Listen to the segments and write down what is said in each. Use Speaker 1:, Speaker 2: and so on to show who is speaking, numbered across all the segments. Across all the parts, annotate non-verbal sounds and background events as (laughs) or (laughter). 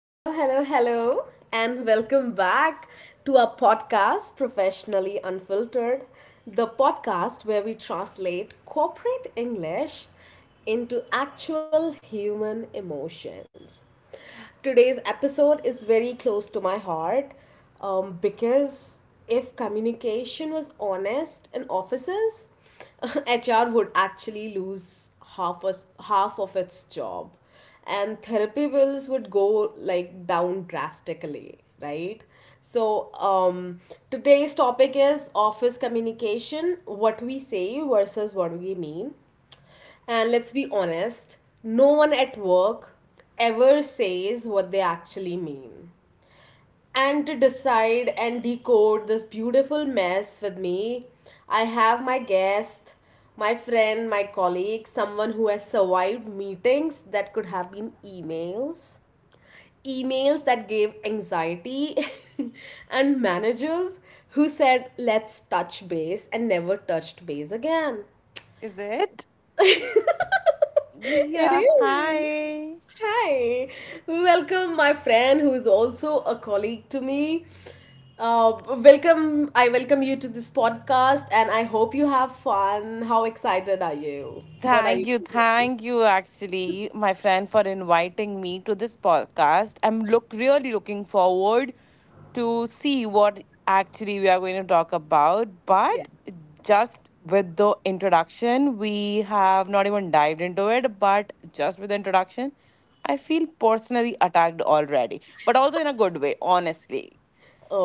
Speaker 1: Hello, hello, hello, and welcome back to our podcast, Professionally Unfiltered, the podcast where we translate corporate English into actual human emotions. Today's episode is very close to my heart, because if communication was honest in offices, (laughs) HR would actually lose half of its job, and therapy bills would go like down drastically, right? So today's topic is office communication, what we say versus what we mean. And let's be honest, no one at work ever says what they actually mean. And to decide and decode this beautiful mess with me, I have my guest, my friend, my colleague, someone who has survived meetings that could have been emails, emails that gave anxiety, (laughs) and managers who said, let's touch base and never touched base again.
Speaker 2: Is it? Yeah,
Speaker 1: It is.
Speaker 2: hi.
Speaker 1: Hi, welcome my friend who is also a colleague to me. I welcome you to this podcast and I hope you have fun. How excited are you? What are you
Speaker 2: Thank you,
Speaker 1: feeling?
Speaker 2: actually, my friend, for inviting me to this podcast. I'm look really looking forward to see what actually we are going to talk about.
Speaker 1: Yeah.
Speaker 2: But just with the introduction, we have not even dived into it. But just with the introduction, I feel personally attacked already, but also in a good way, honestly.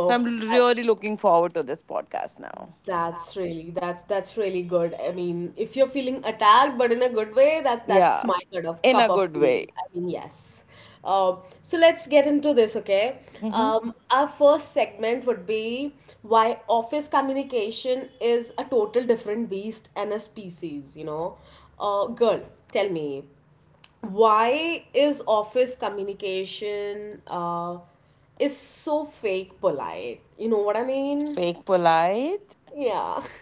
Speaker 2: So I'm really looking forward to this podcast now.
Speaker 1: that's really, that's really good. I mean, if you're feeling attacked but in a good way, that's
Speaker 2: Yeah,
Speaker 1: my kind of
Speaker 2: in
Speaker 1: cup
Speaker 2: a
Speaker 1: of
Speaker 2: good
Speaker 1: tea.
Speaker 2: way.
Speaker 1: I mean, yes. So let's get into this, okay?
Speaker 2: Mhm.
Speaker 1: Our first segment would be why office communication is a total different beast and a species, you know. Girl, tell me, why is office communication is so fake polite? You know what I mean?
Speaker 2: Fake polite
Speaker 1: Yeah. (laughs)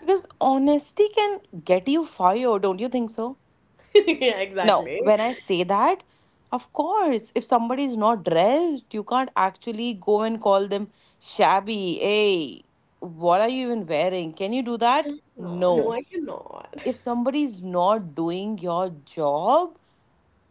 Speaker 2: because honesty can get you fired, don't you think so?
Speaker 1: (laughs) Yeah,
Speaker 2: Now,
Speaker 1: exactly.
Speaker 2: when I
Speaker 1: Yeah.
Speaker 2: say that, of course, if somebody is not dressed, you can't actually go and call them shabby. Hey, what are you even wearing? Can you do that?
Speaker 1: Yeah, no,
Speaker 2: No.
Speaker 1: I cannot.
Speaker 2: If somebody is not doing your job,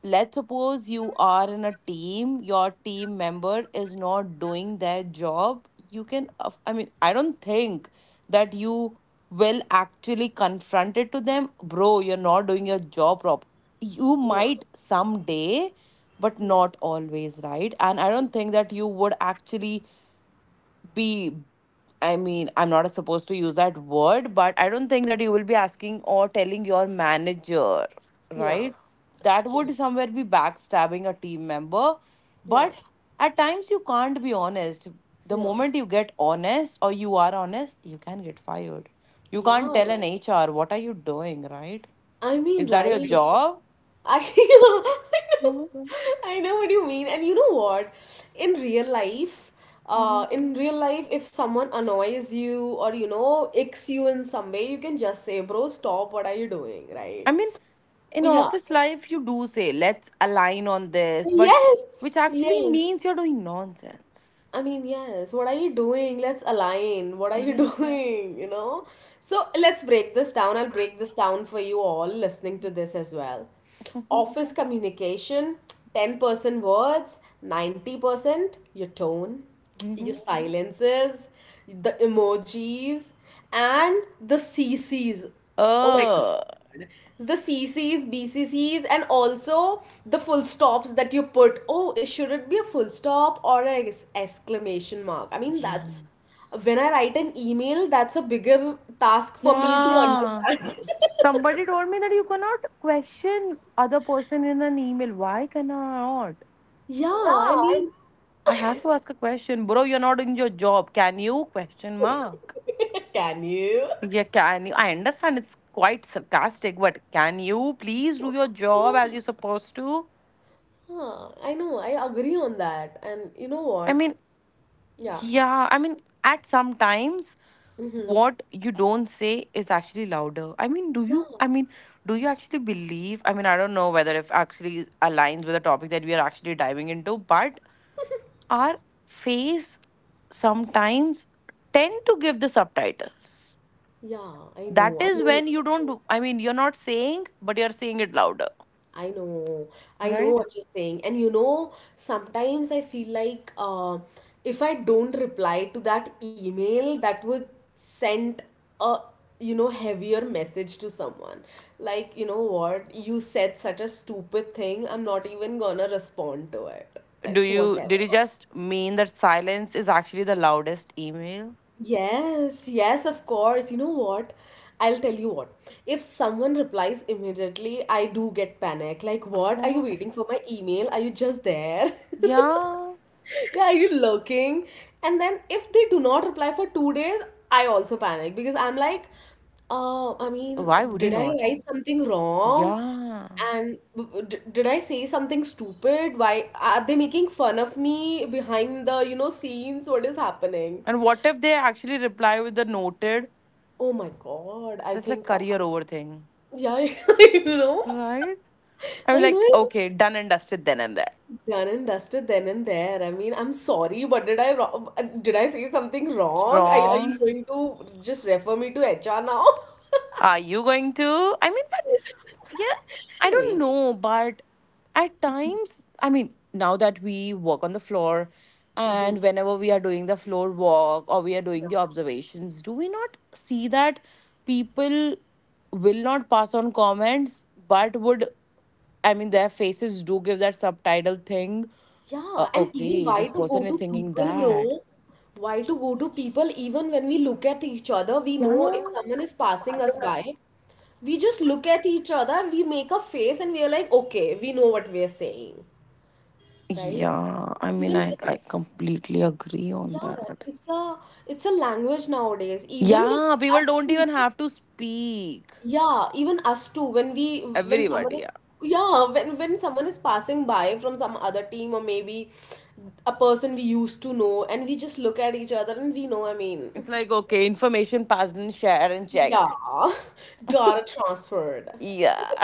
Speaker 2: let's suppose you are in a team, your team member is not doing their job, you can I don't think that you will actually confront it to them, bro, you're not doing your job prop, you
Speaker 1: Yeah.
Speaker 2: might someday, but
Speaker 1: Yeah,
Speaker 2: not always, right? And I don't think that you would actually be, I mean, I'm not supposed to use that word, but I don't think that you will be asking or telling your manager,
Speaker 1: yeah,
Speaker 2: right? That
Speaker 1: yeah,
Speaker 2: would somewhere be backstabbing a team member.
Speaker 1: yeah,
Speaker 2: But at times you can't be honest. The
Speaker 1: yeah,
Speaker 2: moment you get honest or you are honest, you can get fired. You can't
Speaker 1: yeah.
Speaker 2: tell an HR, what are you doing, right?
Speaker 1: I
Speaker 2: Is
Speaker 1: mean,
Speaker 2: that your
Speaker 1: right.
Speaker 2: job?
Speaker 1: I,
Speaker 2: Yeah.
Speaker 1: (laughs) yeah. I know what you mean. And you know what? In real life,
Speaker 2: Mhm.
Speaker 1: in real life, if someone annoys you or, you know, icks you in some way, you can just say, bro, stop, what are you doing,
Speaker 2: I
Speaker 1: right?
Speaker 2: mean, in
Speaker 1: Yeah.
Speaker 2: office life, you do say, let's align on this, but
Speaker 1: Yes,
Speaker 2: which actually
Speaker 1: yes.
Speaker 2: means you're doing nonsense.
Speaker 1: I mean, yes, what are you doing? Let's align. What are you (laughs)
Speaker 2: Yeah.
Speaker 1: doing? You know? So let's break this down. I'll break this down for you all listening to this as well.
Speaker 2: Mhm.
Speaker 1: Office communication, 10% words, 90% your tone, your
Speaker 2: Mhm.
Speaker 1: silences, the emojis, and the CCs. Oh my
Speaker 2: Oh,
Speaker 1: God, the CCs, BCCs, and also the full stops that you put. Oh, should it be a full stop or an exclamation mark? I mean,
Speaker 2: yeah.
Speaker 1: that's when I write an email, that's a bigger task for me to
Speaker 2: Yeah.
Speaker 1: understand.
Speaker 2: Somebody told me that you cannot question other person in an email. Why cannot?
Speaker 1: (laughs) Yeah, I mean,
Speaker 2: I have to ask a question. Bro, you're not doing your job. Can you? Question mark.
Speaker 1: (laughs) can you?
Speaker 2: Yeah, can you? I understand it's quite sarcastic, but can you please do your job as
Speaker 1: Yeah,
Speaker 2: you're supposed to?
Speaker 1: huh, I know, I agree on that. And you know
Speaker 2: I
Speaker 1: what?
Speaker 2: mean,
Speaker 1: Yeah.
Speaker 2: yeah, I mean, at some times,
Speaker 1: Mm-hmm.
Speaker 2: what you don't say is actually louder. I mean, do
Speaker 1: Yeah,
Speaker 2: you? I mean, do you actually believe? I mean, I don't know whether if actually aligns with the topic that we are actually diving into, but our face sometimes tend to give the subtitles.
Speaker 1: yeah,
Speaker 2: That
Speaker 1: I
Speaker 2: is
Speaker 1: know what
Speaker 2: when you
Speaker 1: you're saying.
Speaker 2: don't. I mean, you're not saying, but you're saying it louder.
Speaker 1: I know, I know
Speaker 2: Right?
Speaker 1: what you're saying. And you know, sometimes I feel like, if I don't reply to that email, that would send a, you know, heavier message to someone. Like, you know what, you said such a stupid thing, I'm not even gonna respond to it.
Speaker 2: Do
Speaker 1: Like,
Speaker 2: you?
Speaker 1: whatever.
Speaker 2: Did you just mean that silence is actually the loudest email?
Speaker 1: Yes, yes, of course. You know what? I'll tell you what. If someone replies immediately, I do get panic. Like,
Speaker 2: Of
Speaker 1: what? Are you
Speaker 2: course.
Speaker 1: waiting for my email? Are you just there? (laughs)
Speaker 2: Yeah.
Speaker 1: Yeah, are you looking? And then if they do not reply for 2 days, I also panic because I'm like, I mean,
Speaker 2: Why would you
Speaker 1: did I
Speaker 2: not?
Speaker 1: write something wrong?
Speaker 2: Yeah.
Speaker 1: And did I say something stupid? Why are they making fun of me behind the, you know, scenes? What is happening?
Speaker 2: And what if they actually reply with the noted?
Speaker 1: Oh my God, I
Speaker 2: That's like
Speaker 1: think
Speaker 2: career over thing,
Speaker 1: yeah, (laughs) I know.
Speaker 2: right? I'm
Speaker 1: I know
Speaker 2: like,
Speaker 1: it.
Speaker 2: okay, done and dusted then and there.
Speaker 1: Done and dusted then and there. I mean, I'm sorry, but did I say something wrong? Are you
Speaker 2: Wrong.
Speaker 1: going to just refer me to HR now?
Speaker 2: Are you going to? I mean, but yeah,
Speaker 1: (laughs)
Speaker 2: I
Speaker 1: I
Speaker 2: don't
Speaker 1: mean,
Speaker 2: know, but at times, I mean, now that we work on the floor and whenever we are doing the floor walk or we are doing the observations, do we not see that people will not pass on comments but would, I mean, their faces do give that subtitle thing.
Speaker 1: yeah, and even
Speaker 2: Okay,
Speaker 1: why
Speaker 2: this
Speaker 1: to go
Speaker 2: person is
Speaker 1: to
Speaker 2: thinking
Speaker 1: people,
Speaker 2: that.
Speaker 1: bro? Why to go to people, even when we look at each other, we know
Speaker 2: Yeah.
Speaker 1: if someone is passing us by, we just look at each other, we make a face and we are like, okay, we know what we are saying. Right?
Speaker 2: Yeah. I mean,
Speaker 1: Even
Speaker 2: I,
Speaker 1: it's
Speaker 2: I
Speaker 1: a,
Speaker 2: completely agree
Speaker 1: yeah,
Speaker 2: on that.
Speaker 1: it's a language nowadays. Even with
Speaker 2: Yeah, people
Speaker 1: us
Speaker 2: don't
Speaker 1: too,
Speaker 2: even have to speak.
Speaker 1: yeah, even us too. When someone
Speaker 2: Everybody,
Speaker 1: is,
Speaker 2: yeah.
Speaker 1: yeah, when someone is passing by from some other team, or maybe a person we used to know, and we just look at each other and we know. I mean,
Speaker 2: It's like, okay, information passed and shared and
Speaker 1: yeah,
Speaker 2: checked.
Speaker 1: (laughs) daughter transferred.
Speaker 2: Yeah.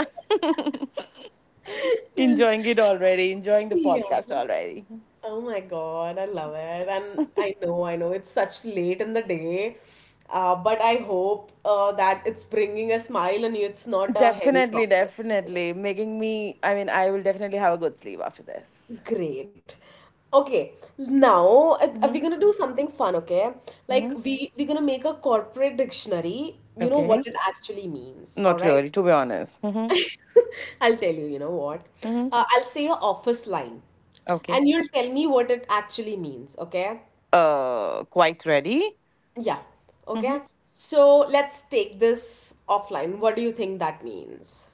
Speaker 1: (laughs)
Speaker 2: (laughs)
Speaker 1: Yes,
Speaker 2: enjoying it already, enjoying the
Speaker 1: yeah.
Speaker 2: podcast already.
Speaker 1: Oh my God, I love it. And I know it's such late in the day, but I hope that it's bringing a smile on you. It's not a heavy
Speaker 2: Definitely,
Speaker 1: topic.
Speaker 2: definitely. Making me, I mean, I will definitely have a good sleep after this.
Speaker 1: Great. Okay, now
Speaker 2: Mm-hmm.
Speaker 1: we're gonna do something fun, okay? Like
Speaker 2: Mm-hmm.
Speaker 1: we're gonna make a corporate dictionary. You know what
Speaker 2: Okay.
Speaker 1: it actually means, all
Speaker 2: Not
Speaker 1: right?
Speaker 2: really, to be honest. Mm-hmm.
Speaker 1: (laughs) I'll tell you, you know what?
Speaker 2: Mm-hmm.
Speaker 1: I'll say a office line,
Speaker 2: Okay.
Speaker 1: and you'll tell me what it actually means, okay?
Speaker 2: Quite ready.
Speaker 1: Yeah.
Speaker 2: Mhm.
Speaker 1: Okay. So let's take this offline. What do you think that means?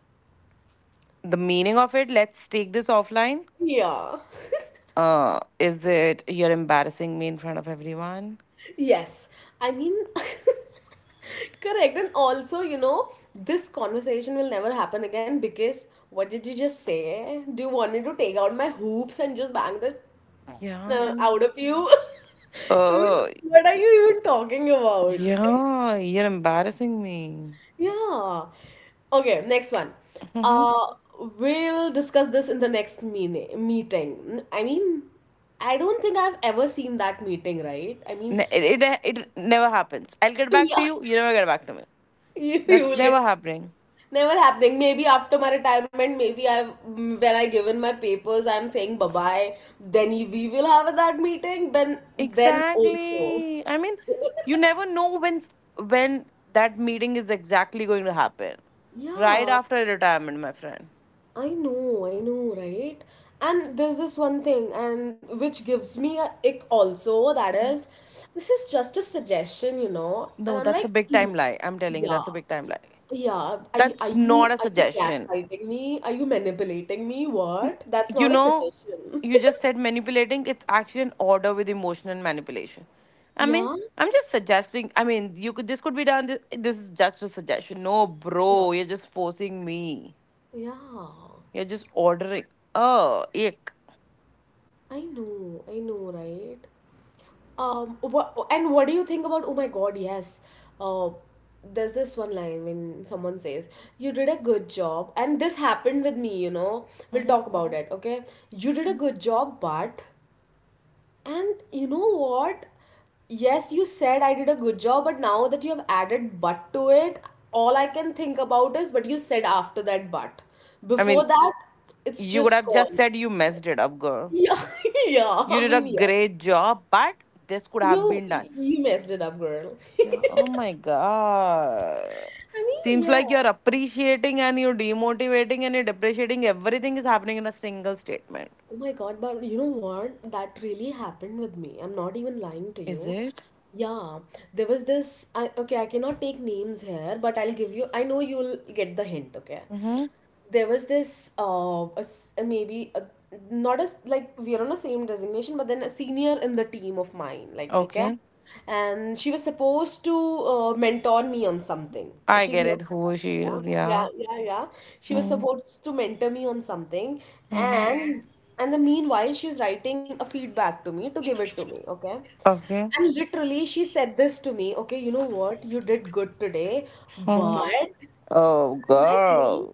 Speaker 2: The meaning of it, let's take this offline.
Speaker 1: Yeah. (laughs)
Speaker 2: Is it you're embarrassing me in front of everyone?
Speaker 1: Yes. I mean, (laughs) correct. And also, you know, this conversation will never happen again because what did you just say? Do you want me to take out my hoops and just bang the
Speaker 2: Yeah.
Speaker 1: out
Speaker 2: I'm—
Speaker 1: of you? (laughs) I mean,
Speaker 2: Uh,
Speaker 1: what are you even talking about?
Speaker 2: yeah, you're embarrassing me.
Speaker 1: Yeah. Okay, next one.
Speaker 2: Mhm.
Speaker 1: Uh, we'll discuss this in the next meeting. I mean, I don't think I've ever seen that meeting, right? I mean,
Speaker 2: It, it never happens. I'll get back
Speaker 1: yeah,
Speaker 2: to you. You never get back to me.
Speaker 1: (laughs) you
Speaker 2: That's
Speaker 1: will
Speaker 2: never
Speaker 1: get
Speaker 2: happening.
Speaker 1: never happening. Maybe after my retirement, maybe when I give in my papers, I'm saying bye bye. Then we will have that meeting. Then also,
Speaker 2: Exactly. I mean, you never know when when that meeting is exactly going to happen. Right
Speaker 1: yeah.
Speaker 2: after retirement, my friend.
Speaker 1: I know, right? And there's this one thing, and which gives me a ick also. That is, this is just a suggestion, you know. And
Speaker 2: No,
Speaker 1: I'm
Speaker 2: that's
Speaker 1: like,
Speaker 2: a big
Speaker 1: "Mm,
Speaker 2: time lie. I'm telling you,
Speaker 1: yeah,
Speaker 2: that's a big time lie.
Speaker 1: yeah.
Speaker 2: That's not a
Speaker 1: Are you
Speaker 2: suggestion.
Speaker 1: gaslighting me? Are you manipulating me?
Speaker 2: N-
Speaker 1: What? That's
Speaker 2: You
Speaker 1: not a
Speaker 2: know,
Speaker 1: suggestion. (laughs)
Speaker 2: you just said manipulating, it's actually an order with emotion and manipulation. I mean,
Speaker 1: Yeah,
Speaker 2: I'm just suggesting, I mean, you could, this could be done. This is just a suggestion. No,
Speaker 1: yeah,
Speaker 2: bro, you're just forcing me.
Speaker 1: yeah.
Speaker 2: You're just ordering. Oh, ick.
Speaker 1: I know, right? What, and what do you think about, oh my God, yes. Uh, there's this one line when someone says, you did a good job, and this happened with me, you know. We'll
Speaker 2: Mhm,
Speaker 1: talk about it, okay? You did a
Speaker 2: mhm.
Speaker 1: good job, but, and you know what? Yes, you said I did a good job, but now that you have added but to it, all I can think about is what you said after that but.
Speaker 2: I mean,
Speaker 1: Before that, it's
Speaker 2: you could
Speaker 1: just
Speaker 2: have just
Speaker 1: gone.
Speaker 2: said you messed it up,
Speaker 1: (laughs)
Speaker 2: girl.
Speaker 1: Yeah, yeah,
Speaker 2: You
Speaker 1: I
Speaker 2: did a
Speaker 1: mean, yes.
Speaker 2: great job, but this could have
Speaker 1: You
Speaker 2: been done.
Speaker 1: you messed it up, girl.
Speaker 2: Yeah. Oh my God.
Speaker 1: I mean,
Speaker 2: Seems
Speaker 1: yeah.
Speaker 2: like you're appreciating and you're demotivating and you're depreciating. Everything is happening in a single statement.
Speaker 1: Oh my God, but you know what? That really happened with me. I'm not even lying to
Speaker 2: Is
Speaker 1: you.
Speaker 2: it?
Speaker 1: Yeah, there was this. I, okay, I cannot take names here, but I'll give you. I know you'll get the hint, okay?
Speaker 2: Mm-hmm.
Speaker 1: There was this, a s- a maybe, a, not as like we're on the same designation, but then a senior in the team of mine, like, okay?
Speaker 2: Okay.
Speaker 1: And she was supposed to mentor me on something.
Speaker 2: I
Speaker 1: She's
Speaker 2: get it.
Speaker 1: not.
Speaker 2: Who she
Speaker 1: Yeah,
Speaker 2: is.
Speaker 1: yeah,
Speaker 2: Yeah.
Speaker 1: yeah, yeah. She was
Speaker 2: Mhm,
Speaker 1: supposed to mentor me on something,
Speaker 2: mhm.
Speaker 1: and the meanwhile, she's writing a feedback to me to give it to me, okay?
Speaker 2: Okay.
Speaker 1: And literally, she said this to me, okay, you know what? You did good today,
Speaker 2: Mhm.
Speaker 1: but
Speaker 2: Oh,
Speaker 1: I'm like, "Hmm?"
Speaker 2: girl.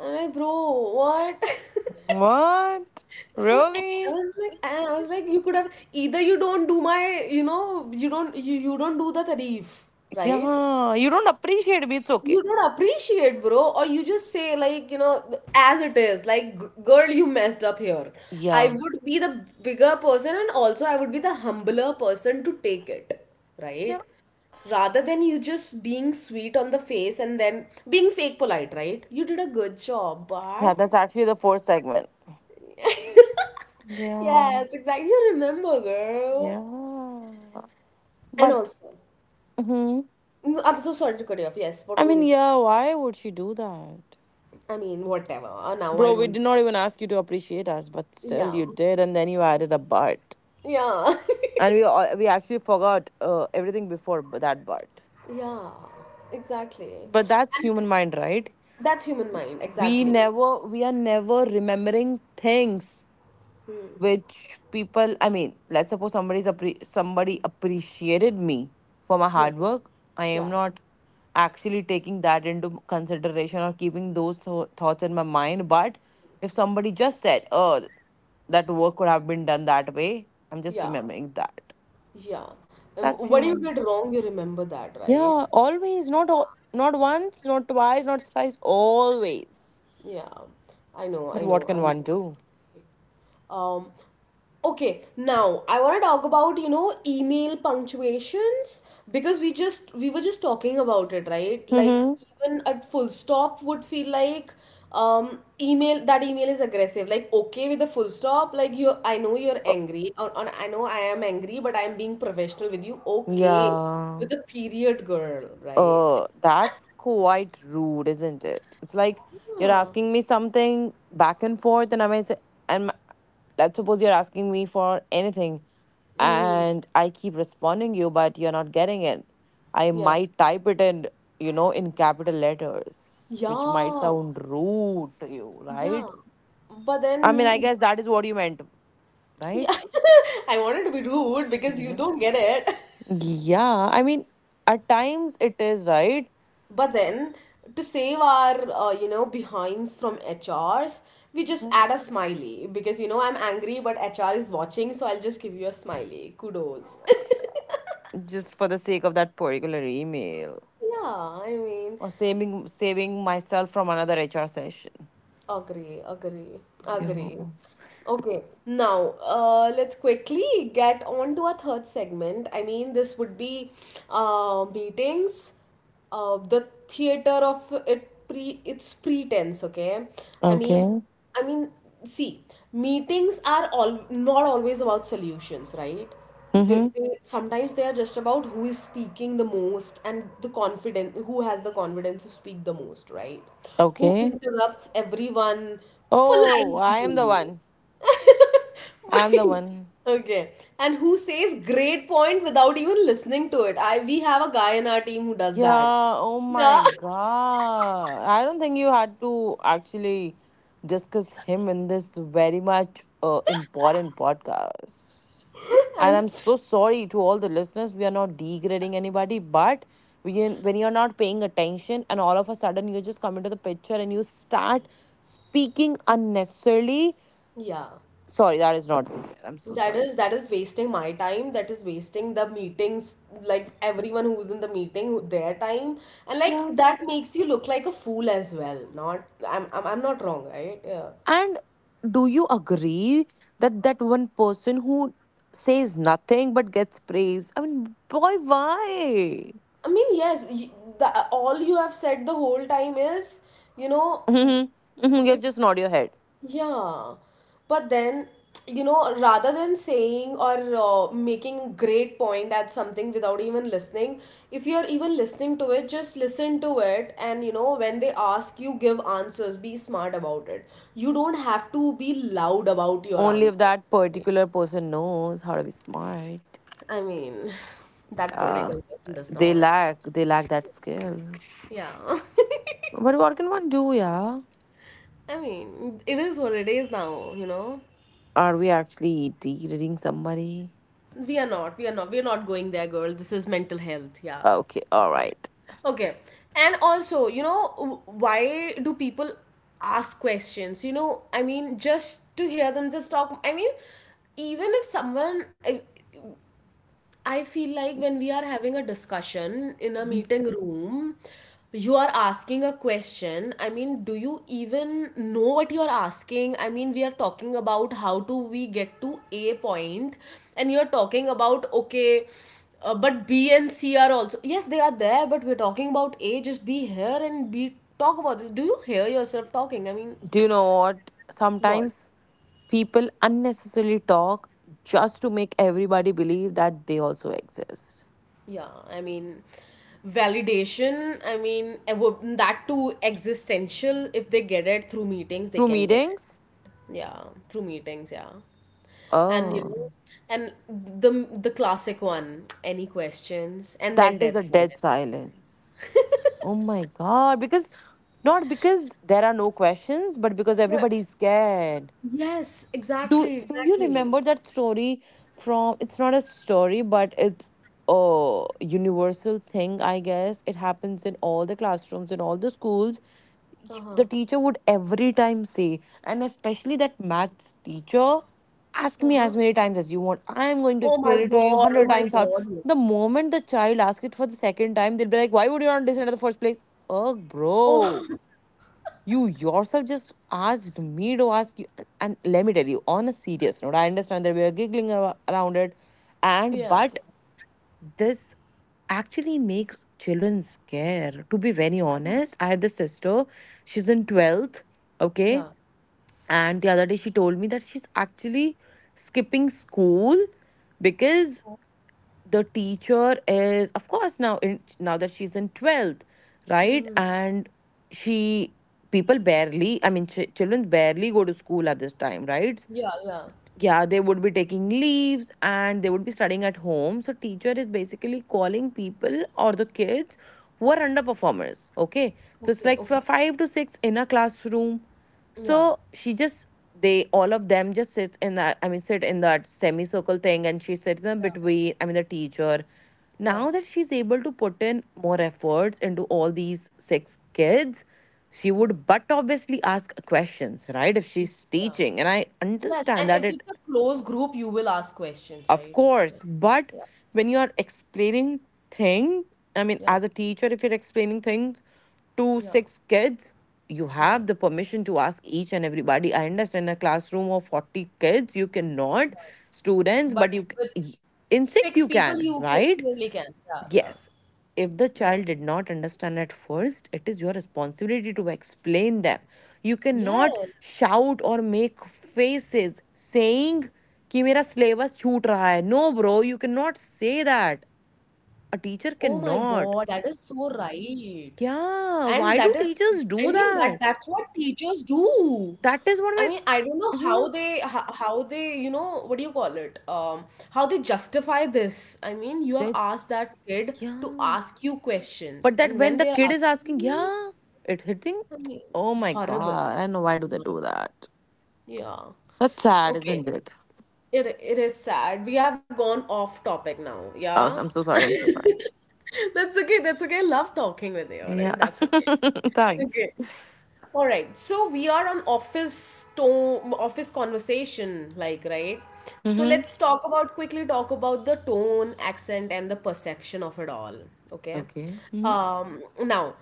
Speaker 1: I'm like, bro, what? (laughs)
Speaker 2: What?
Speaker 1: I
Speaker 2: Really?
Speaker 1: was like, and I was like, you could have either you don't do my, you know, you don't do the tarif, right?
Speaker 2: Yeah. You don't appreciate me. It's okay.
Speaker 1: You don't appreciate, bro, or you just say, like, you know, as it is, like, girl, you messed up here. I
Speaker 2: Yeah.
Speaker 1: would be the bigger person and also I would be the humbler person to take it,
Speaker 2: Yeah.
Speaker 1: right? Rather than you just being sweet on the face and then being fake polite, right? You did a good job,
Speaker 2: Yeah.
Speaker 1: but.
Speaker 2: That's actually the fourth segment.
Speaker 1: (laughs)
Speaker 2: Yeah.
Speaker 1: Yes, exactly. You remember, girl.
Speaker 2: Yeah.
Speaker 1: And
Speaker 2: But.
Speaker 1: also, I'm so sorry to cut you off. Yes, what
Speaker 2: I
Speaker 1: were
Speaker 2: mean,
Speaker 1: you saying?
Speaker 2: yeah, why would she do that?
Speaker 1: I mean, whatever. Now I
Speaker 2: Bro, we
Speaker 1: don't.
Speaker 2: did not even ask you to appreciate us, but still
Speaker 1: Yeah.
Speaker 2: you did, and then you added a but.
Speaker 1: Yeah. (laughs)
Speaker 2: And we actually forgot everything before that but.
Speaker 1: Yeah, exactly.
Speaker 2: But that's
Speaker 1: And
Speaker 2: human mind, right?
Speaker 1: that's human mind,
Speaker 2: We
Speaker 1: exactly.
Speaker 2: never we are never remembering things which people, I mean, let's suppose somebody's somebody appreciated me for my
Speaker 1: Yeah,
Speaker 2: hard work. I am
Speaker 1: yeah,
Speaker 2: not actually taking that into consideration or keeping those thoughts in my mind, but if somebody just said, "Oh, that work could have been done that way." I'm just
Speaker 1: yeah,
Speaker 2: remembering that.
Speaker 1: yeah.
Speaker 2: That's
Speaker 1: What you
Speaker 2: human.
Speaker 1: did wrong, you remember that, right?
Speaker 2: Yeah, always,
Speaker 1: Yeah,
Speaker 2: not once, not twice, not thrice, always.
Speaker 1: yeah. I know,
Speaker 2: But
Speaker 1: I
Speaker 2: what
Speaker 1: know,
Speaker 2: can
Speaker 1: I know.
Speaker 2: one do?
Speaker 1: Um, okay, now I want to talk about, you know, email punctuations, because we were just talking about it, right? Like
Speaker 2: Mm-hmm.
Speaker 1: even a full stop would feel like email, that email is aggressive. Like okay with a full stop, like you I know you're angry, or I know I am angry, but I am being professional with you. Okay.
Speaker 2: Yeah.
Speaker 1: With a period girl, right?
Speaker 2: That's quite rude, isn't it? It's like you're
Speaker 1: Yeah.
Speaker 2: asking me something back and forth, and I may say, and let's suppose you're asking me for anything,
Speaker 1: Mm,
Speaker 2: and I keep responding you, but you're not getting it. I
Speaker 1: yeah.
Speaker 2: might type it in, you know, in capital letters, which might
Speaker 1: Yeah.
Speaker 2: sound rude to you, right?
Speaker 1: Yeah. But
Speaker 2: I mean, I
Speaker 1: then
Speaker 2: guess that is what you meant,
Speaker 1: yeah,
Speaker 2: right?
Speaker 1: (laughs) I wanted to be rude because you
Speaker 2: Yeah.
Speaker 1: don't get it. (laughs)
Speaker 2: Yeah. I mean, at times it is, right?
Speaker 1: But then, to save our, you know, behinds from HRs, we just
Speaker 2: Mhm.
Speaker 1: add a smiley because, you know, I'm angry, but HR is watching, so I'll just give you a smiley. Kudos.
Speaker 2: Yeah,
Speaker 1: (laughs)
Speaker 2: just for the sake of that particular email
Speaker 1: Yeah, I mean,
Speaker 2: or saving myself from another HR session.
Speaker 1: agree, agree,
Speaker 2: Yeah.
Speaker 1: agree. Okay, now let's quickly get on to our third segment. I mean, this would be meetings, the theater of it pre its pretense. Okay, I mean,
Speaker 2: Okay.
Speaker 1: I mean, see, meetings are all not always about solutions, right?
Speaker 2: Mm-hmm.
Speaker 1: They sometimes they are just about who is speaking the most and the confident who has the confidence to speak the most, right? Who
Speaker 2: Okay.
Speaker 1: interrupts everyone
Speaker 2: Oh, I am the
Speaker 1: politely.
Speaker 2: one. I am the
Speaker 1: (laughs)
Speaker 2: one.
Speaker 1: Okay, and who says great point without even listening to it. I we have a guy in our team who does that.
Speaker 2: Yeah, oh my
Speaker 1: Yeah.
Speaker 2: God. I don't think you had to actually discuss him in this very much important podcast.
Speaker 1: (laughs) And
Speaker 2: And I'm so sorry to all the listeners. We are not degrading anybody, but we can, when you're not paying attention and all of a sudden you just come into the picture and you start speaking unnecessarily.
Speaker 1: yeah,
Speaker 2: Sorry, that is not good. I'm so
Speaker 1: that
Speaker 2: sorry.
Speaker 1: is, that is wasting my time. That is wasting the meetings, like everyone who's in the meeting, their time, and like that makes you look like a fool as well. Not I'm not wrong, right? Yeah,
Speaker 2: And do you agree that that one person who says nothing but gets praised? I mean, boy, why?
Speaker 1: I mean, yes, you, all you have said the whole time is, you know.
Speaker 2: Mhm, mhm, you have just nod your head.
Speaker 1: Yeah, but then, you know, rather than saying or making a great point at something without even listening, if you're even listening to it, just listen to it. And, you know, when they ask you, give answers, be smart about it. You don't have to be loud about your
Speaker 2: Only if
Speaker 1: answers,
Speaker 2: that
Speaker 1: right?
Speaker 2: particular person knows how to be smart.
Speaker 1: I mean, (laughs) (sighs) that
Speaker 2: Yeah,
Speaker 1: political person does not.
Speaker 2: they lack that skill.
Speaker 1: Yeah.
Speaker 2: But what can one do? Yeah,
Speaker 1: (laughs) I mean, it is what it is now, you know?
Speaker 2: are we actually degrading somebody?
Speaker 1: We are not. We are not. We are not going there, girl. This is mental health. Yeah,
Speaker 2: Okay, all
Speaker 1: it's not.
Speaker 2: right.
Speaker 1: Okay. And also, you know, why do people ask questions? You know, I mean, just to hear themselves talk. I mean, even if someone, I feel like when we are having a discussion in a
Speaker 2: Mhm.
Speaker 1: meeting room, you are asking a question. I mean, do you even know what you are asking? I mean, we are talking about how do we get to A point, and you're talking about, okay, but B and C are also, yes, they are there, but we're talking about A. Just be here and be talk about this. Do you hear yourself talking? I mean,
Speaker 2: Do you know what?
Speaker 1: what?
Speaker 2: Sometimes people unnecessarily talk just to make everybody believe that they also exist.
Speaker 1: Yeah, I mean, validation, I mean, that too existential. If they get it through meetings, they
Speaker 2: Through
Speaker 1: can get it.
Speaker 2: meetings?
Speaker 1: Yeah, through meetings, yeah. And you know,
Speaker 2: Oh,
Speaker 1: and the classic one, any questions, and
Speaker 2: that
Speaker 1: then
Speaker 2: is
Speaker 1: dead
Speaker 2: a dead
Speaker 1: silence.
Speaker 2: silence. Oh my God. Because not because there are no questions, but because
Speaker 1: But
Speaker 2: everybody's scared.
Speaker 1: yes, exactly,
Speaker 2: Do you
Speaker 1: exactly.
Speaker 2: remember that story from? It's not a story, but it's a universal thing, I guess. It happens in all the classrooms, in all the schools,
Speaker 1: Uh-huh.
Speaker 2: the teacher would every time say, and especially that maths teacher, ask me
Speaker 1: Uh-huh.
Speaker 2: as many times as you want, I am going to
Speaker 1: Oh my
Speaker 2: explain it to you
Speaker 1: God, oh
Speaker 2: 100
Speaker 1: my
Speaker 2: times out.
Speaker 1: God, yes.
Speaker 2: The moment the child asks it for the second time, they'll be like, why would you not listen at the first place? Oh bro,
Speaker 1: Oh,
Speaker 2: you yourself just asked me to ask you. And let me tell you on a serious note, I understand that we are giggling around it, and
Speaker 1: (laughs) yeah,
Speaker 2: but this actually makes children scared. To be very honest, I had this sister, she's in 12th, okay?
Speaker 1: yeah.
Speaker 2: And the other day she told me that she's actually skipping school because the teacher is of course now in, now that she's in 12th, right?
Speaker 1: Mm-hmm.
Speaker 2: And she, people barely, I mean children barely go to school at this time, right?
Speaker 1: Yeah, yeah.
Speaker 2: Yeah, they would be taking leaves and they would be studying at home, so teacher is basically calling people or the kids who are underperformers, okay? So it's
Speaker 1: Okay,
Speaker 2: like for
Speaker 1: okay.
Speaker 2: five to six in a classroom,
Speaker 1: Yeah,
Speaker 2: so she just, they all of them just sits in that, I mean sit in that semicircle thing, and she sits in
Speaker 1: yeah,
Speaker 2: between, I mean the teacher,
Speaker 1: yeah,
Speaker 2: now that she's able to put in more efforts into all these six kids, she
Speaker 1: yeah,
Speaker 2: would but obviously ask questions, right? If she's
Speaker 1: yeah.
Speaker 2: teaching, and I
Speaker 1: Yes,
Speaker 2: understand
Speaker 1: and
Speaker 2: that
Speaker 1: if
Speaker 2: it,
Speaker 1: it's a close group, you will ask questions,
Speaker 2: of
Speaker 1: right? Like,
Speaker 2: course, but
Speaker 1: yeah,
Speaker 2: when you are explaining thing, I mean,
Speaker 1: yeah,
Speaker 2: as a teacher, if you're explaining things to
Speaker 1: yeah,
Speaker 2: six kids, you
Speaker 1: yeah.
Speaker 2: have the permission to ask each and everybody. I understand a classroom of 40 kids, you cannot, students,
Speaker 1: But
Speaker 2: but you
Speaker 1: with
Speaker 2: in
Speaker 1: six
Speaker 2: six you
Speaker 1: people, you
Speaker 2: can, right?
Speaker 1: clearly can. Yeah, yeah,
Speaker 2: Yes. If the
Speaker 1: yeah.
Speaker 2: child did not understand at first, it is your responsibility to explain them. You cannot
Speaker 1: Yes.
Speaker 2: shout or make faces saying कि मेरा syllabus छूट रहा है. No, bro, you cannot say that.
Speaker 1: Oh
Speaker 2: A
Speaker 1: my
Speaker 2: teacher
Speaker 1: God, that is
Speaker 2: cannot.
Speaker 1: so right. And
Speaker 2: Yeah,
Speaker 1: that is,
Speaker 2: why do teachers
Speaker 1: that
Speaker 2: do
Speaker 1: that's
Speaker 2: that?
Speaker 1: what teachers do.
Speaker 2: That
Speaker 1: I
Speaker 2: is what
Speaker 1: mean, I
Speaker 2: my.
Speaker 1: don't know how
Speaker 2: Mhm.
Speaker 1: they how they, you know, what do you call it? How they justify this. I mean, you have
Speaker 2: That
Speaker 1: asked that kid to
Speaker 2: yeah.
Speaker 1: ask you questions,
Speaker 2: But that
Speaker 1: and
Speaker 2: when
Speaker 1: when
Speaker 2: the
Speaker 1: they're
Speaker 2: kid is asking,
Speaker 1: asking you,
Speaker 2: yeah, it hitting.
Speaker 1: I mean,
Speaker 2: Oh my
Speaker 1: horrible.
Speaker 2: god, I know why do they do
Speaker 1: Horrible.
Speaker 2: that?
Speaker 1: Yeah.
Speaker 2: That's sad, isn't
Speaker 1: Okay.
Speaker 2: it?
Speaker 1: It is sad. We have gone off topic now.
Speaker 2: Oh,
Speaker 1: Yeah.
Speaker 2: I'm so sorry. I'm so sorry.
Speaker 1: That's okay. That's okay. I love talking with you all. I
Speaker 2: Yeah.
Speaker 1: mean, that's okay.
Speaker 2: (laughs) Thanks.
Speaker 1: Okay. All right. So we are on office tone, office conversation, like, right? So
Speaker 2: Mm-hmm.
Speaker 1: let's talk about quickly talk about the tone, accent, and the perception of it all. Okay.
Speaker 2: Okay. Mm-hmm.
Speaker 1: Now,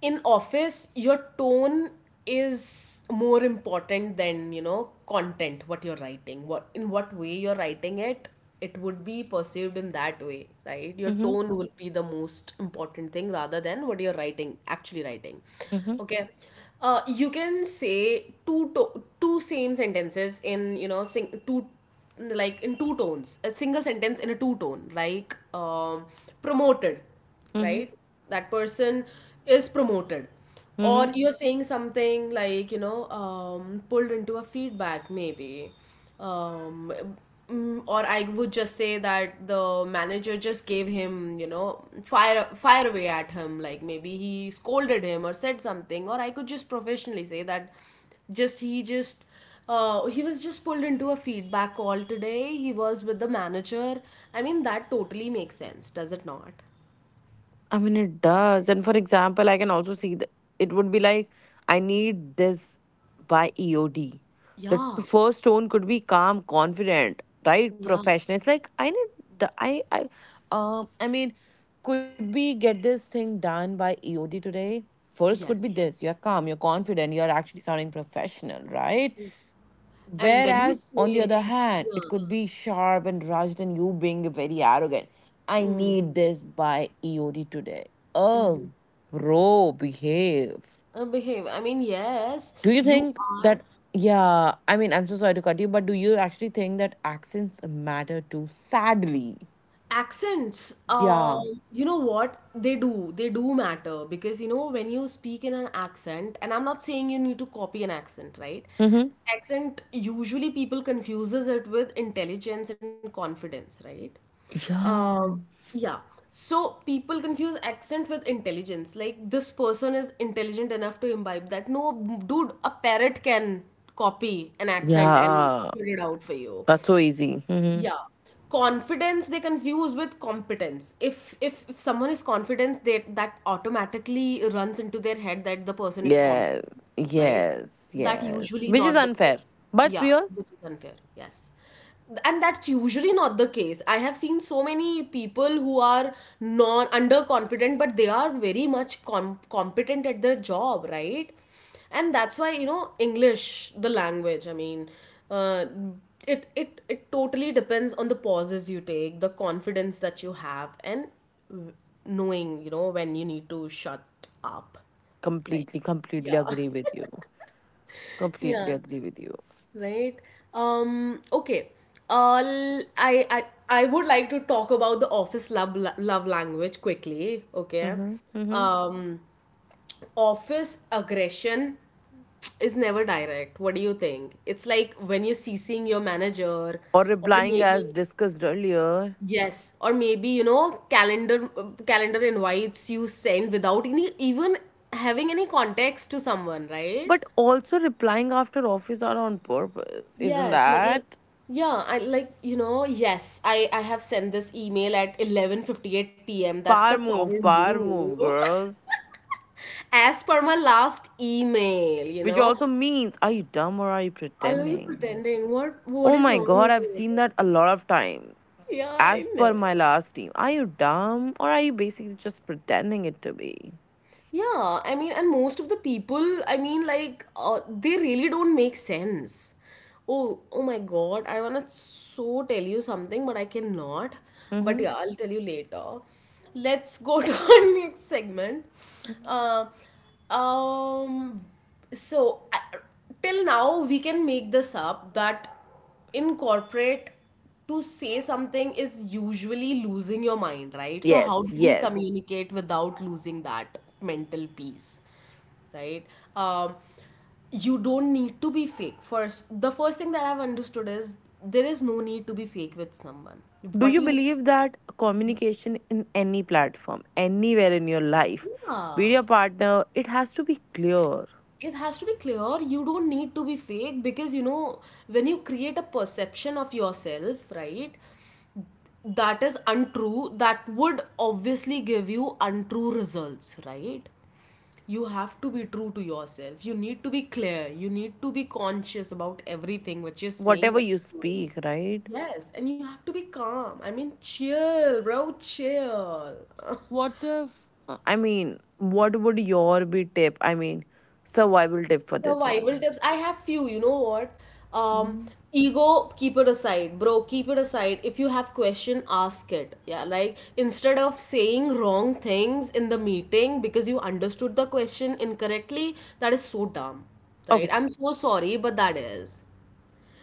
Speaker 1: in office, your tone is more important than, you know, content, what you're writing, what in what way you're writing it, it would be perceived in that way, right? Your
Speaker 2: Mm-hmm.
Speaker 1: tone will be the most important thing rather than what you're writing, actually writing.
Speaker 2: Mm-hmm.
Speaker 1: Okay, you can say two same sentences in, you know, two, like in two tones, a single sentence in a two tone. Like promoted,
Speaker 2: Mm-hmm.
Speaker 1: right? That person is promoted. Or
Speaker 2: Mm-hmm.
Speaker 1: you're saying something like, you know, pulled into a feedback. Maybe um, or I would just say that the manager just gave him, you know, fire away at him. Like maybe he scolded him or said something, or I could just professionally say that just he was just pulled into a feedback call today. He was with the manager. I mean, that totally makes sense, does it not?
Speaker 2: It does. And for example, I can also see that it would be like, I need this by EOD.
Speaker 1: Yeah,
Speaker 2: First tone could be calm, confident, right?
Speaker 1: yeah,
Speaker 2: Professional. It's like I need the um I mean, could we get this thing done by EOD today? First could be
Speaker 1: yes.
Speaker 2: this. You're calm, you're confident, you're actually sounding professional, right?
Speaker 1: And when you
Speaker 2: Whereas, on the
Speaker 1: say,
Speaker 2: other hand,
Speaker 1: yeah,
Speaker 2: it could be sharp and rushed, and you being very arrogant. I
Speaker 1: mm,
Speaker 2: need this by EOD today.
Speaker 1: mhm,
Speaker 2: Oh, bro, behave.
Speaker 1: behave, I mean, yes,
Speaker 2: Do you
Speaker 1: you
Speaker 2: think
Speaker 1: are.
Speaker 2: that? Yeah, I'm so sorry to cut you, but do you actually think that accents matter too? Sadly,
Speaker 1: Accents,
Speaker 2: yeah.
Speaker 1: you know what? They do. They do matter because, you know, when you speak in an accent, and I'm not saying you need to copy an accent, right?
Speaker 2: Mm-hmm.
Speaker 1: Accent, usually people confuses it with intelligence and confidence, right?
Speaker 2: Yeah.
Speaker 1: Um, yeah. So people confuse accent with intelligence. Like this person is intelligent enough to imbibe that. No, dude, a parrot can copy an accent and
Speaker 2: Yeah.
Speaker 1: spit it out for you.
Speaker 2: That's so easy. Mm-hmm.
Speaker 1: Yeah. Confidence, they confuse with competence. If someone is confident, they that automatically runs into their head that the person is competent,
Speaker 2: Yes.
Speaker 1: right?
Speaker 2: Yes.
Speaker 1: That
Speaker 2: Yes.
Speaker 1: usually
Speaker 2: Which is
Speaker 1: not the
Speaker 2: unfair,
Speaker 1: case.
Speaker 2: but
Speaker 1: Yeah,
Speaker 2: real.
Speaker 1: which is unfair. Yes. And that's usually not the case. I have seen so many people who are non underconfident, but they are very much competent at their job, right? And that's why, you know, English, the language, I mean, uh, it it totally depends on the pauses you take, the confidence that you have, and w- knowing, you know, when you need to shut up. Like,
Speaker 2: Completely, completely
Speaker 1: yeah.
Speaker 2: agree with you.
Speaker 1: (laughs)
Speaker 2: Completely
Speaker 1: Yeah,
Speaker 2: agree with you.
Speaker 1: right. Um, okay, uh, l- I, I I would like to talk about the office love language quickly. Okay.
Speaker 2: Mm-hmm. Mm-hmm.
Speaker 1: Um, office aggression is never direct. What do you think? It's like when you're CCing your manager,
Speaker 2: Or
Speaker 1: or
Speaker 2: replying
Speaker 1: maybe,
Speaker 2: as discussed earlier,
Speaker 1: yes, or maybe, you know, calendar invites you send without any even having any context to someone, right?
Speaker 2: but also replying after office are on purpose. Isn't
Speaker 1: Yes, matlab,
Speaker 2: that?
Speaker 1: yeah, I like, you know, yes, I have sent this email at 11:58 p.m. That's the power
Speaker 2: Power
Speaker 1: move.
Speaker 2: move,
Speaker 1: (laughs)
Speaker 2: girl.
Speaker 1: As per my last email, you
Speaker 2: Which
Speaker 1: know.
Speaker 2: also means, are you dumb or are you
Speaker 1: Are you
Speaker 2: pretending?
Speaker 1: pretending? What
Speaker 2: Oh
Speaker 1: is
Speaker 2: my
Speaker 1: wrong
Speaker 2: god,
Speaker 1: with
Speaker 2: I've
Speaker 1: you?
Speaker 2: seen that a lot of times.
Speaker 1: Yeah, I
Speaker 2: As per
Speaker 1: know.
Speaker 2: my last team, are you dumb or are you basically just pretending it to be?
Speaker 1: Yeah, I mean, and most of the people, I mean, like, they really don't make sense. Oh, oh my God, I wanna so tell you something, but I cannot. But
Speaker 2: Mm-hmm.
Speaker 1: yeah, I'll tell you later. Let's go (laughs) to our next segment. Uh, um, so, I till now, we can make this up that in corporate to say something is usually losing your mind, right? So, how
Speaker 2: Yes,
Speaker 1: do we
Speaker 2: yes.
Speaker 1: communicate without losing that mental peace, right? Um, you don't need to be fake. The first thing that I've understood is there is no need to be fake with someone.
Speaker 2: Do
Speaker 1: What
Speaker 2: you
Speaker 1: you need,
Speaker 2: believe that communication in any platform, anywhere in your life,
Speaker 1: yeah,
Speaker 2: with your partner, it has to be clear?
Speaker 1: it has to be clear. You don't need to be fake because, you know, when you create a perception of yourself, right? That is untrue. That would obviously give you untrue results, right? You have to be true to yourself. You need to be clear. You need to be conscious about everything, what you're saying,
Speaker 2: Whatever
Speaker 1: what
Speaker 2: you
Speaker 1: you're doing.
Speaker 2: speak, right?
Speaker 1: Yes, and you have to be calm. I mean, chill bro, chill.
Speaker 2: What if, what would your be tip? Survival tip for this
Speaker 1: Survival
Speaker 2: one.
Speaker 1: tips. I have few, you know what? Um,
Speaker 2: Mhm.
Speaker 1: ego, keep it aside, bro. Keep it aside. If you have question, ask it. Yeah, like instead of saying wrong things in the meeting because you understood the question incorrectly, that is so dumb, right?
Speaker 2: Okay,
Speaker 1: I'm so sorry, but that is.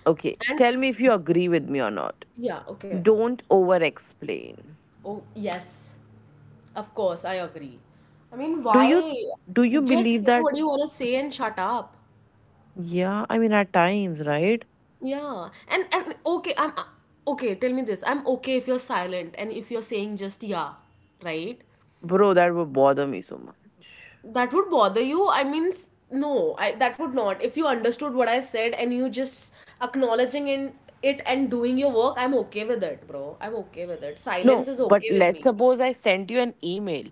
Speaker 2: okay.
Speaker 1: And
Speaker 2: Tell me if you agree with me or not.
Speaker 1: yeah, okay.
Speaker 2: Don't over explain.
Speaker 1: Oh, yes, of course, I agree. I mean,
Speaker 2: Do you
Speaker 1: why?
Speaker 2: do you
Speaker 1: Just
Speaker 2: believe
Speaker 1: say
Speaker 2: that?
Speaker 1: what you want to say and shut up.
Speaker 2: Yeah, at times, right?
Speaker 1: Yeah, and okay, I'm okay. Tell me this: I'm okay if you're silent and if you're saying just yeah, right?
Speaker 2: Bro, that would bother me so much.
Speaker 1: That would bother you. I mean, no, I, that would not. If you understood what I said and you just acknowledging in it and doing your work, I'm okay with it, bro. I'm okay with it. Silence
Speaker 2: No,
Speaker 1: is
Speaker 2: but
Speaker 1: okay with
Speaker 2: let's
Speaker 1: me.
Speaker 2: suppose I sent you an email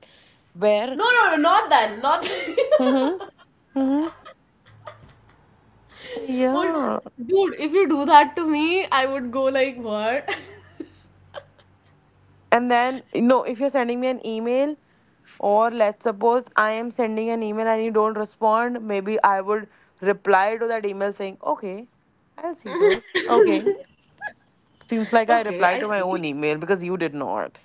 Speaker 2: where.
Speaker 1: No, no, no, not that, not that.
Speaker 2: Hmm. Hmm.
Speaker 1: (laughs) Or,
Speaker 2: Yeah.
Speaker 1: dude, if you do that to me, I would go like, what? (laughs)
Speaker 2: And then no, if you're sending me an email or let's suppose I am sending an email and you don't respond, maybe I would reply to that email saying, "Okay, I'll see to it." Okay. Seems like I
Speaker 1: Okay, I
Speaker 2: replied to my
Speaker 1: see.
Speaker 2: own email because you did not.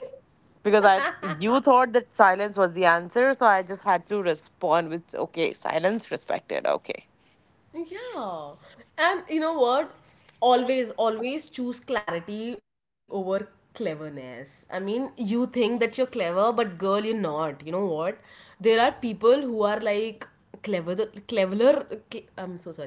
Speaker 2: Because I you thought that silence was the answer, so I just had to respond with, "Okay, silence respected." Okay.
Speaker 1: Yeah. And you know what? Always, always choose clarity over cleverness. I mean, you think that you're clever, but girl, you're not. You know what? There are people who are like clever, cleverer. I'm so sorry.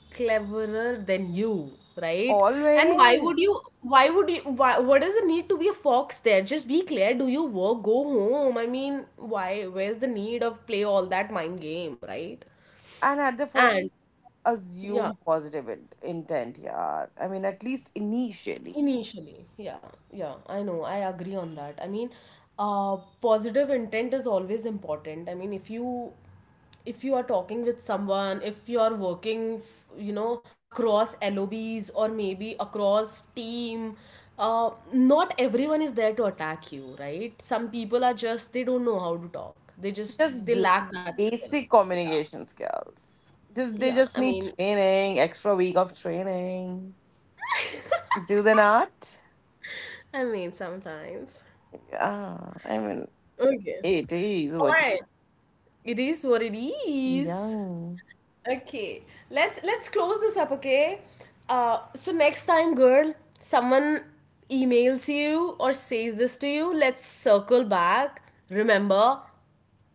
Speaker 1: Cleverer than you, right? And why would you?
Speaker 2: Always.
Speaker 1: Why would you? Why? What does the need to be a fox there? Just be clear. Do your work. Go home. I mean, why? Where's the need of play all that mind game, right?
Speaker 2: And at the first
Speaker 1: And yeah.
Speaker 2: assume positive intent, yeah, I mean at least initially,
Speaker 1: Initially, yeah, yeah, I know, I agree on that. I mean, positive intent is always important. I mean, if you are talking with someone, if you are working, you know, across LOBs or maybe across team, not everyone is there to attack you, right? Some people are just they don't know how to talk. They just they
Speaker 2: just
Speaker 1: lack that skill.
Speaker 2: basic
Speaker 1: Yeah,
Speaker 2: communication skills, just they
Speaker 1: yeah.
Speaker 2: just need training, extra week of training, do they not?
Speaker 1: I mean sometimes.
Speaker 2: Yeah, I mean
Speaker 1: Okay.
Speaker 2: it is
Speaker 1: All
Speaker 2: what it
Speaker 1: right.
Speaker 2: is.
Speaker 1: It is what it is.
Speaker 2: Young.
Speaker 1: Okay, let's close this up. Okay, so next time, girl, someone emails you or says this to you, let's circle back. Remember,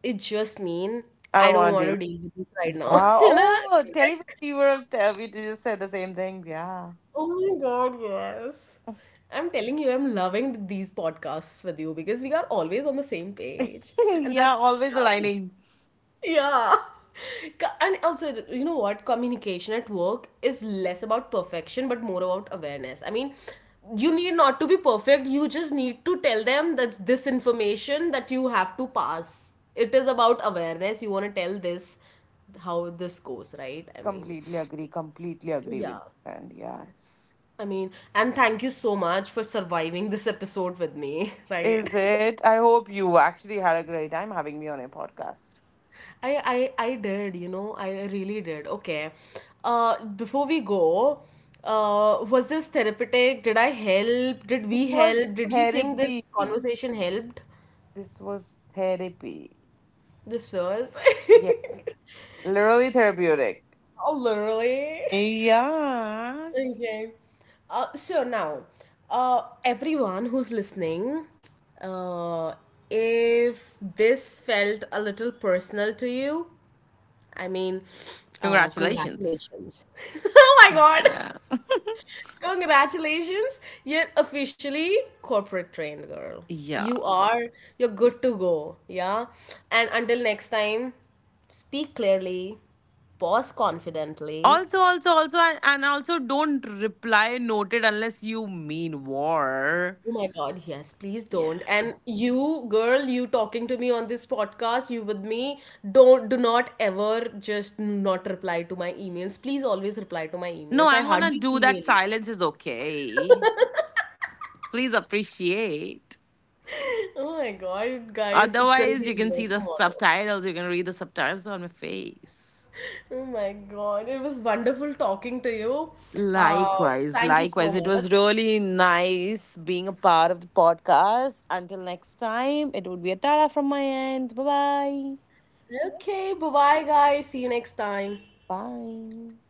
Speaker 1: it just mean.
Speaker 2: I
Speaker 1: I
Speaker 2: don't
Speaker 1: don't
Speaker 2: want to
Speaker 1: want
Speaker 2: deal.
Speaker 1: to deal with this right now.
Speaker 2: Yeah,
Speaker 1: (laughs) You know?
Speaker 2: oh,
Speaker 1: Like,
Speaker 2: telepathy. You were tell you just said the same thing. Yeah.
Speaker 1: oh my god, yes. I'm telling you, I'm loving these podcasts with you because we are always on the same page,
Speaker 2: (laughs)
Speaker 1: and
Speaker 2: Yeah,
Speaker 1: that's
Speaker 2: always
Speaker 1: yeah.
Speaker 2: aligning.
Speaker 1: Yeah. (laughs) And also, you know what? Communication at work is less about perfection but more about awareness. I mean, you need not to be perfect, you just need to tell them that's this information that you have to pass. It is about awareness. You want to tell this how this goes, right? I mean,
Speaker 2: Completely agree, completely agree with
Speaker 1: yeah.
Speaker 2: you. And yes.
Speaker 1: I mean, and thank you so much for surviving this episode with me, (laughs) right?
Speaker 2: Is it? I hope you actually had a great time having me on your podcast.
Speaker 1: I did, you know, I really did. Okay. Before we go, was this therapeutic? Did I help? Did
Speaker 2: This
Speaker 1: we help?
Speaker 2: was
Speaker 1: Did you think
Speaker 2: therapy.
Speaker 1: this conversation helped?
Speaker 2: This was therapy.
Speaker 1: This was.
Speaker 2: Yeah.
Speaker 1: (laughs)
Speaker 2: Literally therapeutic.
Speaker 1: Oh, literally.
Speaker 2: Yes.
Speaker 1: Okay. So now, everyone who's listening, uh, if this felt a little personal to you, I mean,
Speaker 2: Congratulations.
Speaker 1: congratulations. (laughs) Oh my God.
Speaker 2: Yeah.
Speaker 1: Congratulations, you're officially corporate trained girl.
Speaker 2: Yeah.
Speaker 1: You are, you're good to go. Yeah. And until next time, speak clearly, pause confidently.
Speaker 2: Also, also, also, and also don't reply noted unless you mean war.
Speaker 1: Oh my God, yes, please don't.
Speaker 2: Yeah.
Speaker 1: And you, girl, you talking to me on this podcast, you with me, don't, do not ever just not reply to my emails. Please always reply to my
Speaker 2: No,
Speaker 1: emails. I
Speaker 2: I'm gonna
Speaker 1: hardly
Speaker 2: do
Speaker 1: email
Speaker 2: that.
Speaker 1: you.
Speaker 2: Silence is okay. Please appreciate.
Speaker 1: (laughs) Oh my God, guys, it's gonna be
Speaker 2: Otherwise,
Speaker 1: a
Speaker 2: you can
Speaker 1: war
Speaker 2: see the
Speaker 1: tomorrow.
Speaker 2: subtitles, you can read the subtitles on my face.
Speaker 1: Oh my God, it was wonderful talking to you.
Speaker 2: Likewise,
Speaker 1: Thank you so
Speaker 2: likewise. It was
Speaker 1: much.
Speaker 2: really nice being a part of the podcast. Until next time, it would be a Tara from my end. Bye-bye.
Speaker 1: Okay, bye bye, guys. See you next time.
Speaker 2: Bye.